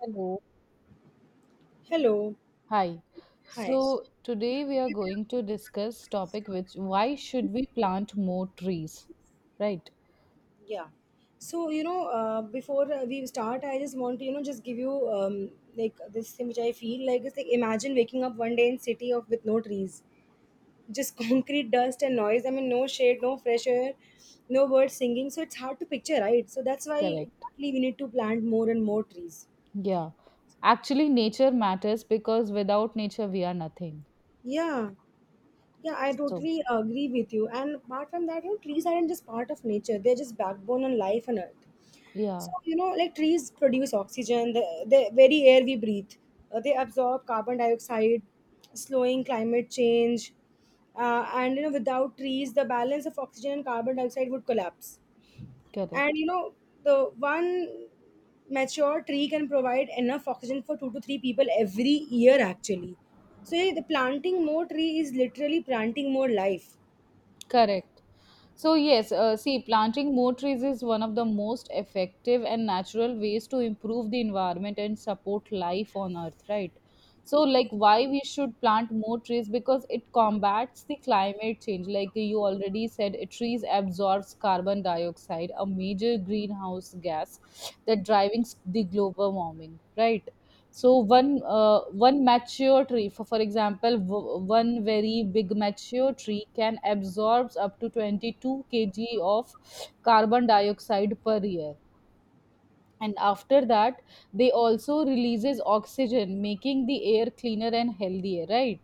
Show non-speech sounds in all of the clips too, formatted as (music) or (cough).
Hello. Hello. Hi. Hi. So today we are going to discuss topic which why should we plant more trees? Right? Yeah. So, before we start, I just want to, just give you like this thing which I feel like is like imagine waking up one day in city of with no trees, just (laughs) concrete dust and noise. I mean, no shade, no fresh air, no birds singing. So it's hard to picture, right? So that's why Correct. exactly we need to plant more and more trees. Yeah. Actually nature matters because without nature we are nothing. Yeah. Yeah, I So totally agree with you. And apart from that, trees aren't just part of nature; they're just backbone and life on Earth. yeah, So like trees produce oxygen, the very air we breathe. They absorb carbon dioxide, slowing climate change. And without trees, the balance of oxygen and carbon dioxide would collapse. and correct. you know the one mature tree can provide enough oxygen for two to three people every year, actually. So yeah, the planting more tree is literally planting more life. Correct. So, yes, see, planting more trees is one of the most effective and natural ways to improve the environment and support life on Earth, right? So, like, why we should plant more trees? Because it combats the climate change. Like you already said, trees absorbs carbon dioxide, a major greenhouse gas that driving the global warming, right? So one one mature tree for example one very big mature tree can absorb up to 22 kg of carbon dioxide per year. And after that, they also releases oxygen, making the air cleaner and healthier, right?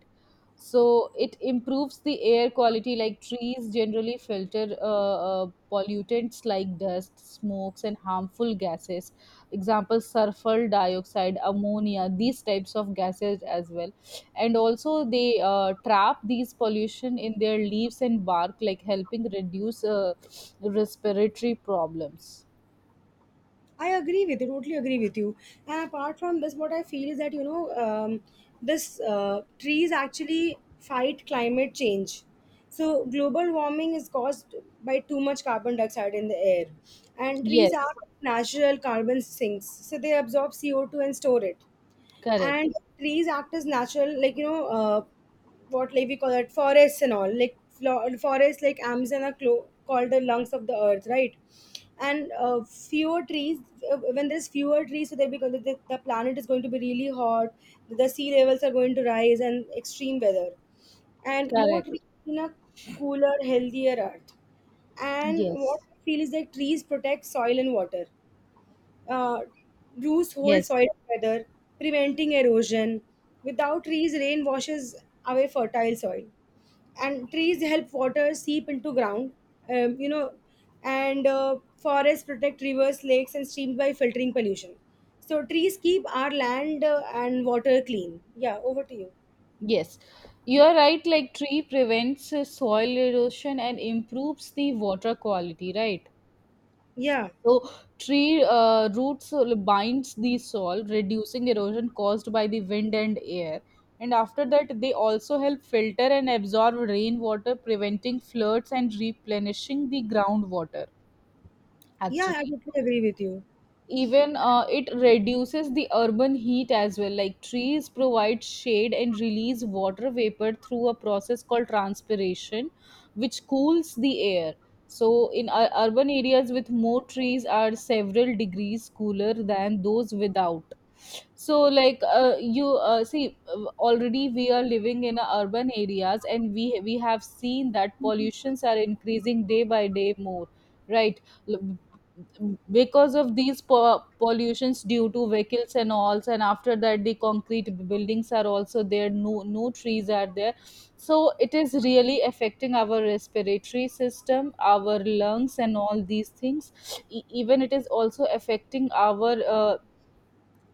So it improves the air quality. Like trees generally filter pollutants like dust, smokes and harmful gases, example sulfur dioxide, ammonia, these types of gases as well. And also they trap these pollution in their leaves and bark, like helping reduce respiratory problems. I agree with you, totally agree with you. And apart from this, what I feel is that this trees actually fight climate change. So global warming is caused by too much carbon dioxide in the air, and trees are Yes, natural carbon sinks, so they absorb CO2 and store it. correct. And trees act as natural, like you know what like we call it, forests and all, like forests like Amazon are called the lungs of the earth, right? And fewer trees, when there's fewer trees, so they because the planet is going to be really hot, the sea levels are going to rise and extreme weather, and more Correct. trees in a cooler, healthier earth. And what Yes. I feel is that trees protect soil and water. uh, Roots hold Yes. soil together, preventing erosion. Without trees, rain washes away fertile soil, and trees help water seep into ground. You know, and Forests protect rivers, lakes, and streams by filtering pollution. So trees keep our land and water clean. Yeah, over to you. Yes. You are right. Like tree prevents soil erosion and improves the water quality, right? Yeah, So tree roots binds the soil, reducing erosion caused by the wind and air. And after that, they also help filter and absorb rainwater, preventing floods and replenishing the groundwater. yeah, I Actually, totally agree with you. even it reduces the urban heat as well. Like trees provide shade and release water vapor through a process called transpiration, which cools the air. So urban areas with more trees are several degrees cooler than those without. So like you see, already we are living in urban areas, and we have seen that pollutions are increasing day by day more, right? L- because of these pollutions due to vehicles and all, and after that the concrete buildings are also there, no no trees are there. So it is really affecting our respiratory system, our lungs and all these things. Even it is also affecting our uh,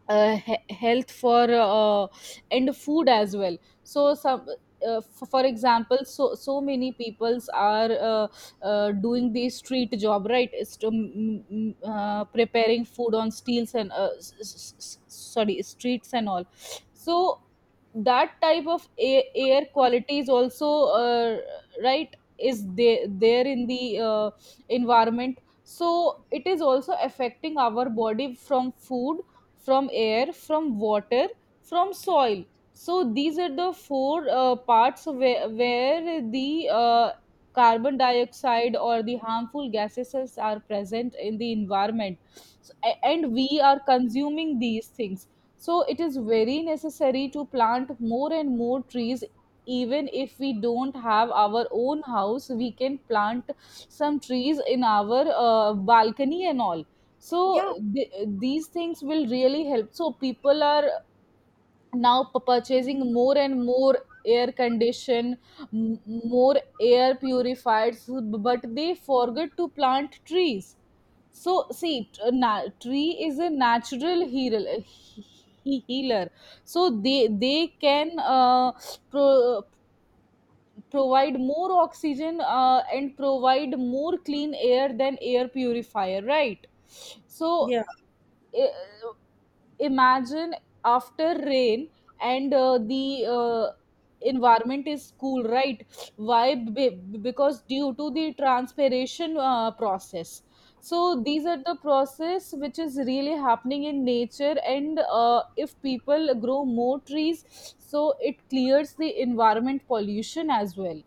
uh, he- health for and food as well. So some for example, so so many peoples are doing the street job, right, is to, preparing food on steels and sorry, streets and all. So that type of air quality is also right, is there there in the environment. So it is also affecting our body from food, from air, from water, from soil. So these are the four parts where the carbon dioxide or the harmful gases are present in the environment. So, and we are consuming these things. So it is very necessary to plant more and more trees. Even if we don't have our own house, we can plant some trees in our balcony and all. So Yeah, these things will really help. So people are now purchasing more and more air condition, more air purified, so- but they forget to plant trees. So see, tree is a natural healer. So they can pro- provide more oxygen and provide more clean air than air purifier, right? So yeah. i- imagine after rain and the environment is cool, right? Why? Because due to the transpiration process. So these are the process which is really happening in nature, and if people grow more trees, so it clears the environment pollution as well.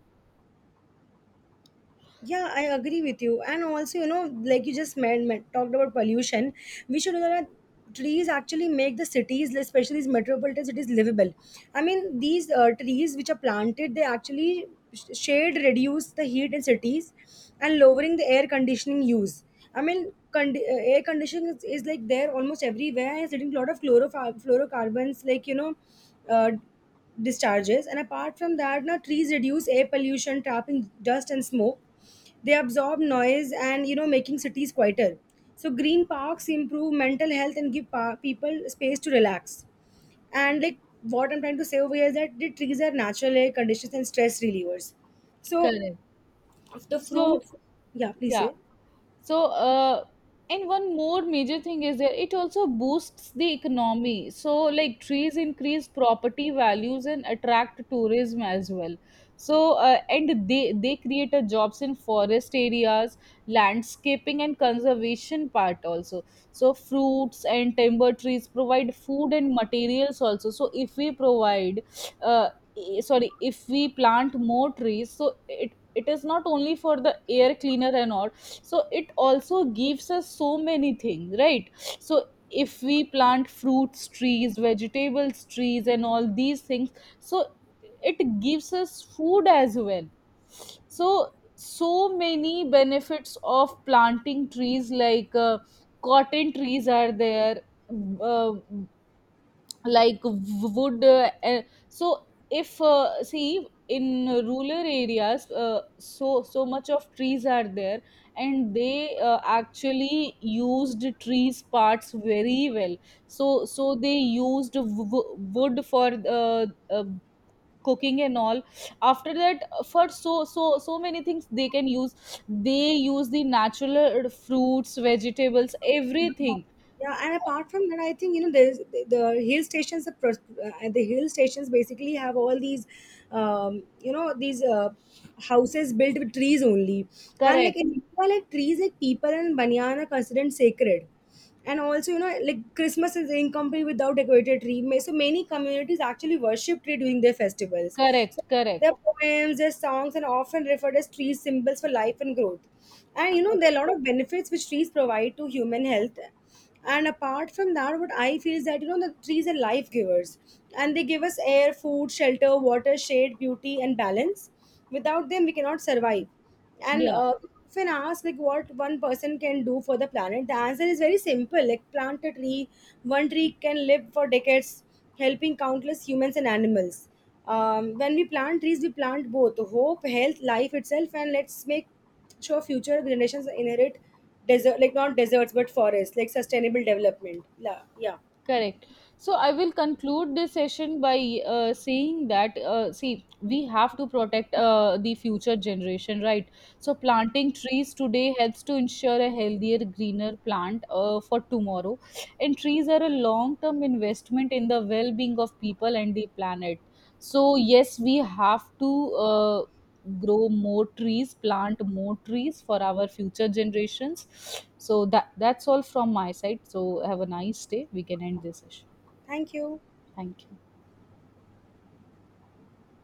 Yeah, I agree with you. And also, like you just talked about pollution, we should know that trees actually make the cities, especially these metropolitan cities, livable. I mean, these trees which are planted, they actually shade reduce the heat in cities and lowering the air conditioning use. I mean, air conditioning is like there almost everywhere, and it's leading to a lot of chlorofluorocarbons, like, uh, discharges. And apart from that, now trees reduce air pollution trapping dust and smoke, they absorb noise and making cities quieter. So green parks improve mental health and give people space to relax. And like what I'm trying to say over here is that the trees are natural air conditions and stress relievers. So Correct. the So fruits. Yeah, please yeah, say. so and one more major thing is that it also boosts the economy. So like trees increase property values and attract tourism as well. So and they create a jobs in forest areas, landscaping and conservation part also. So fruits and timber trees provide food and materials also. So if we provide uh, sorry, if we plant more trees, so it is not only for the air cleaner and all. So it also gives us so many things, right? So if we plant fruits trees, vegetables trees and all these things, so it gives us food as well. So so many benefits of planting trees, like cotton trees are there, uh, like w- would so if see, in rural areas, so so much of trees are there, and they actually used trees parts very well. So so they used wood for cooking and all. After that, for so so so many things they can use. They use the natural fruits, vegetables, everything. Yeah, and apart from that, I think there's the hill stations. The hill stations basically have all these, um, you know, these uh, houses built with trees only. And like Correct, in India, like trees, like people and banyan are considered sacred. And also, like Christmas is incomplete without decorated tree. So many communities actually worship tree during their festivals. correct, So their correct, poems, their songs, and often referred as trees symbols for life and growth. And there are a correct. lot of benefits which trees provide to human health. And apart from that, what I feel is that the trees are life givers, and they give us air, food, shelter, water, shade, beauty, and balance. Without them we cannot survive. And Yeah. If I ask like what one person can do for the planet, the answer is very simple, like plant a tree. One tree can live for decades, helping countless humans and animals. When we plant trees we plant both hope, health, life itself, and let's make so future generations inherit desert, like not deserts but forests, like sustainable development. Yeah, yeah. Correct. So I will conclude this session by saying that, see, we have to protect the future generation, right? So planting trees today helps to ensure a healthier, greener plant for tomorrow, and trees are a long-term investment in the well-being of people and the planet. So yes, we have to uh, grow more trees, plant more trees for our future generations. So that, that's all from my side. So have a nice day. We can end this session. Thank you. Thank you.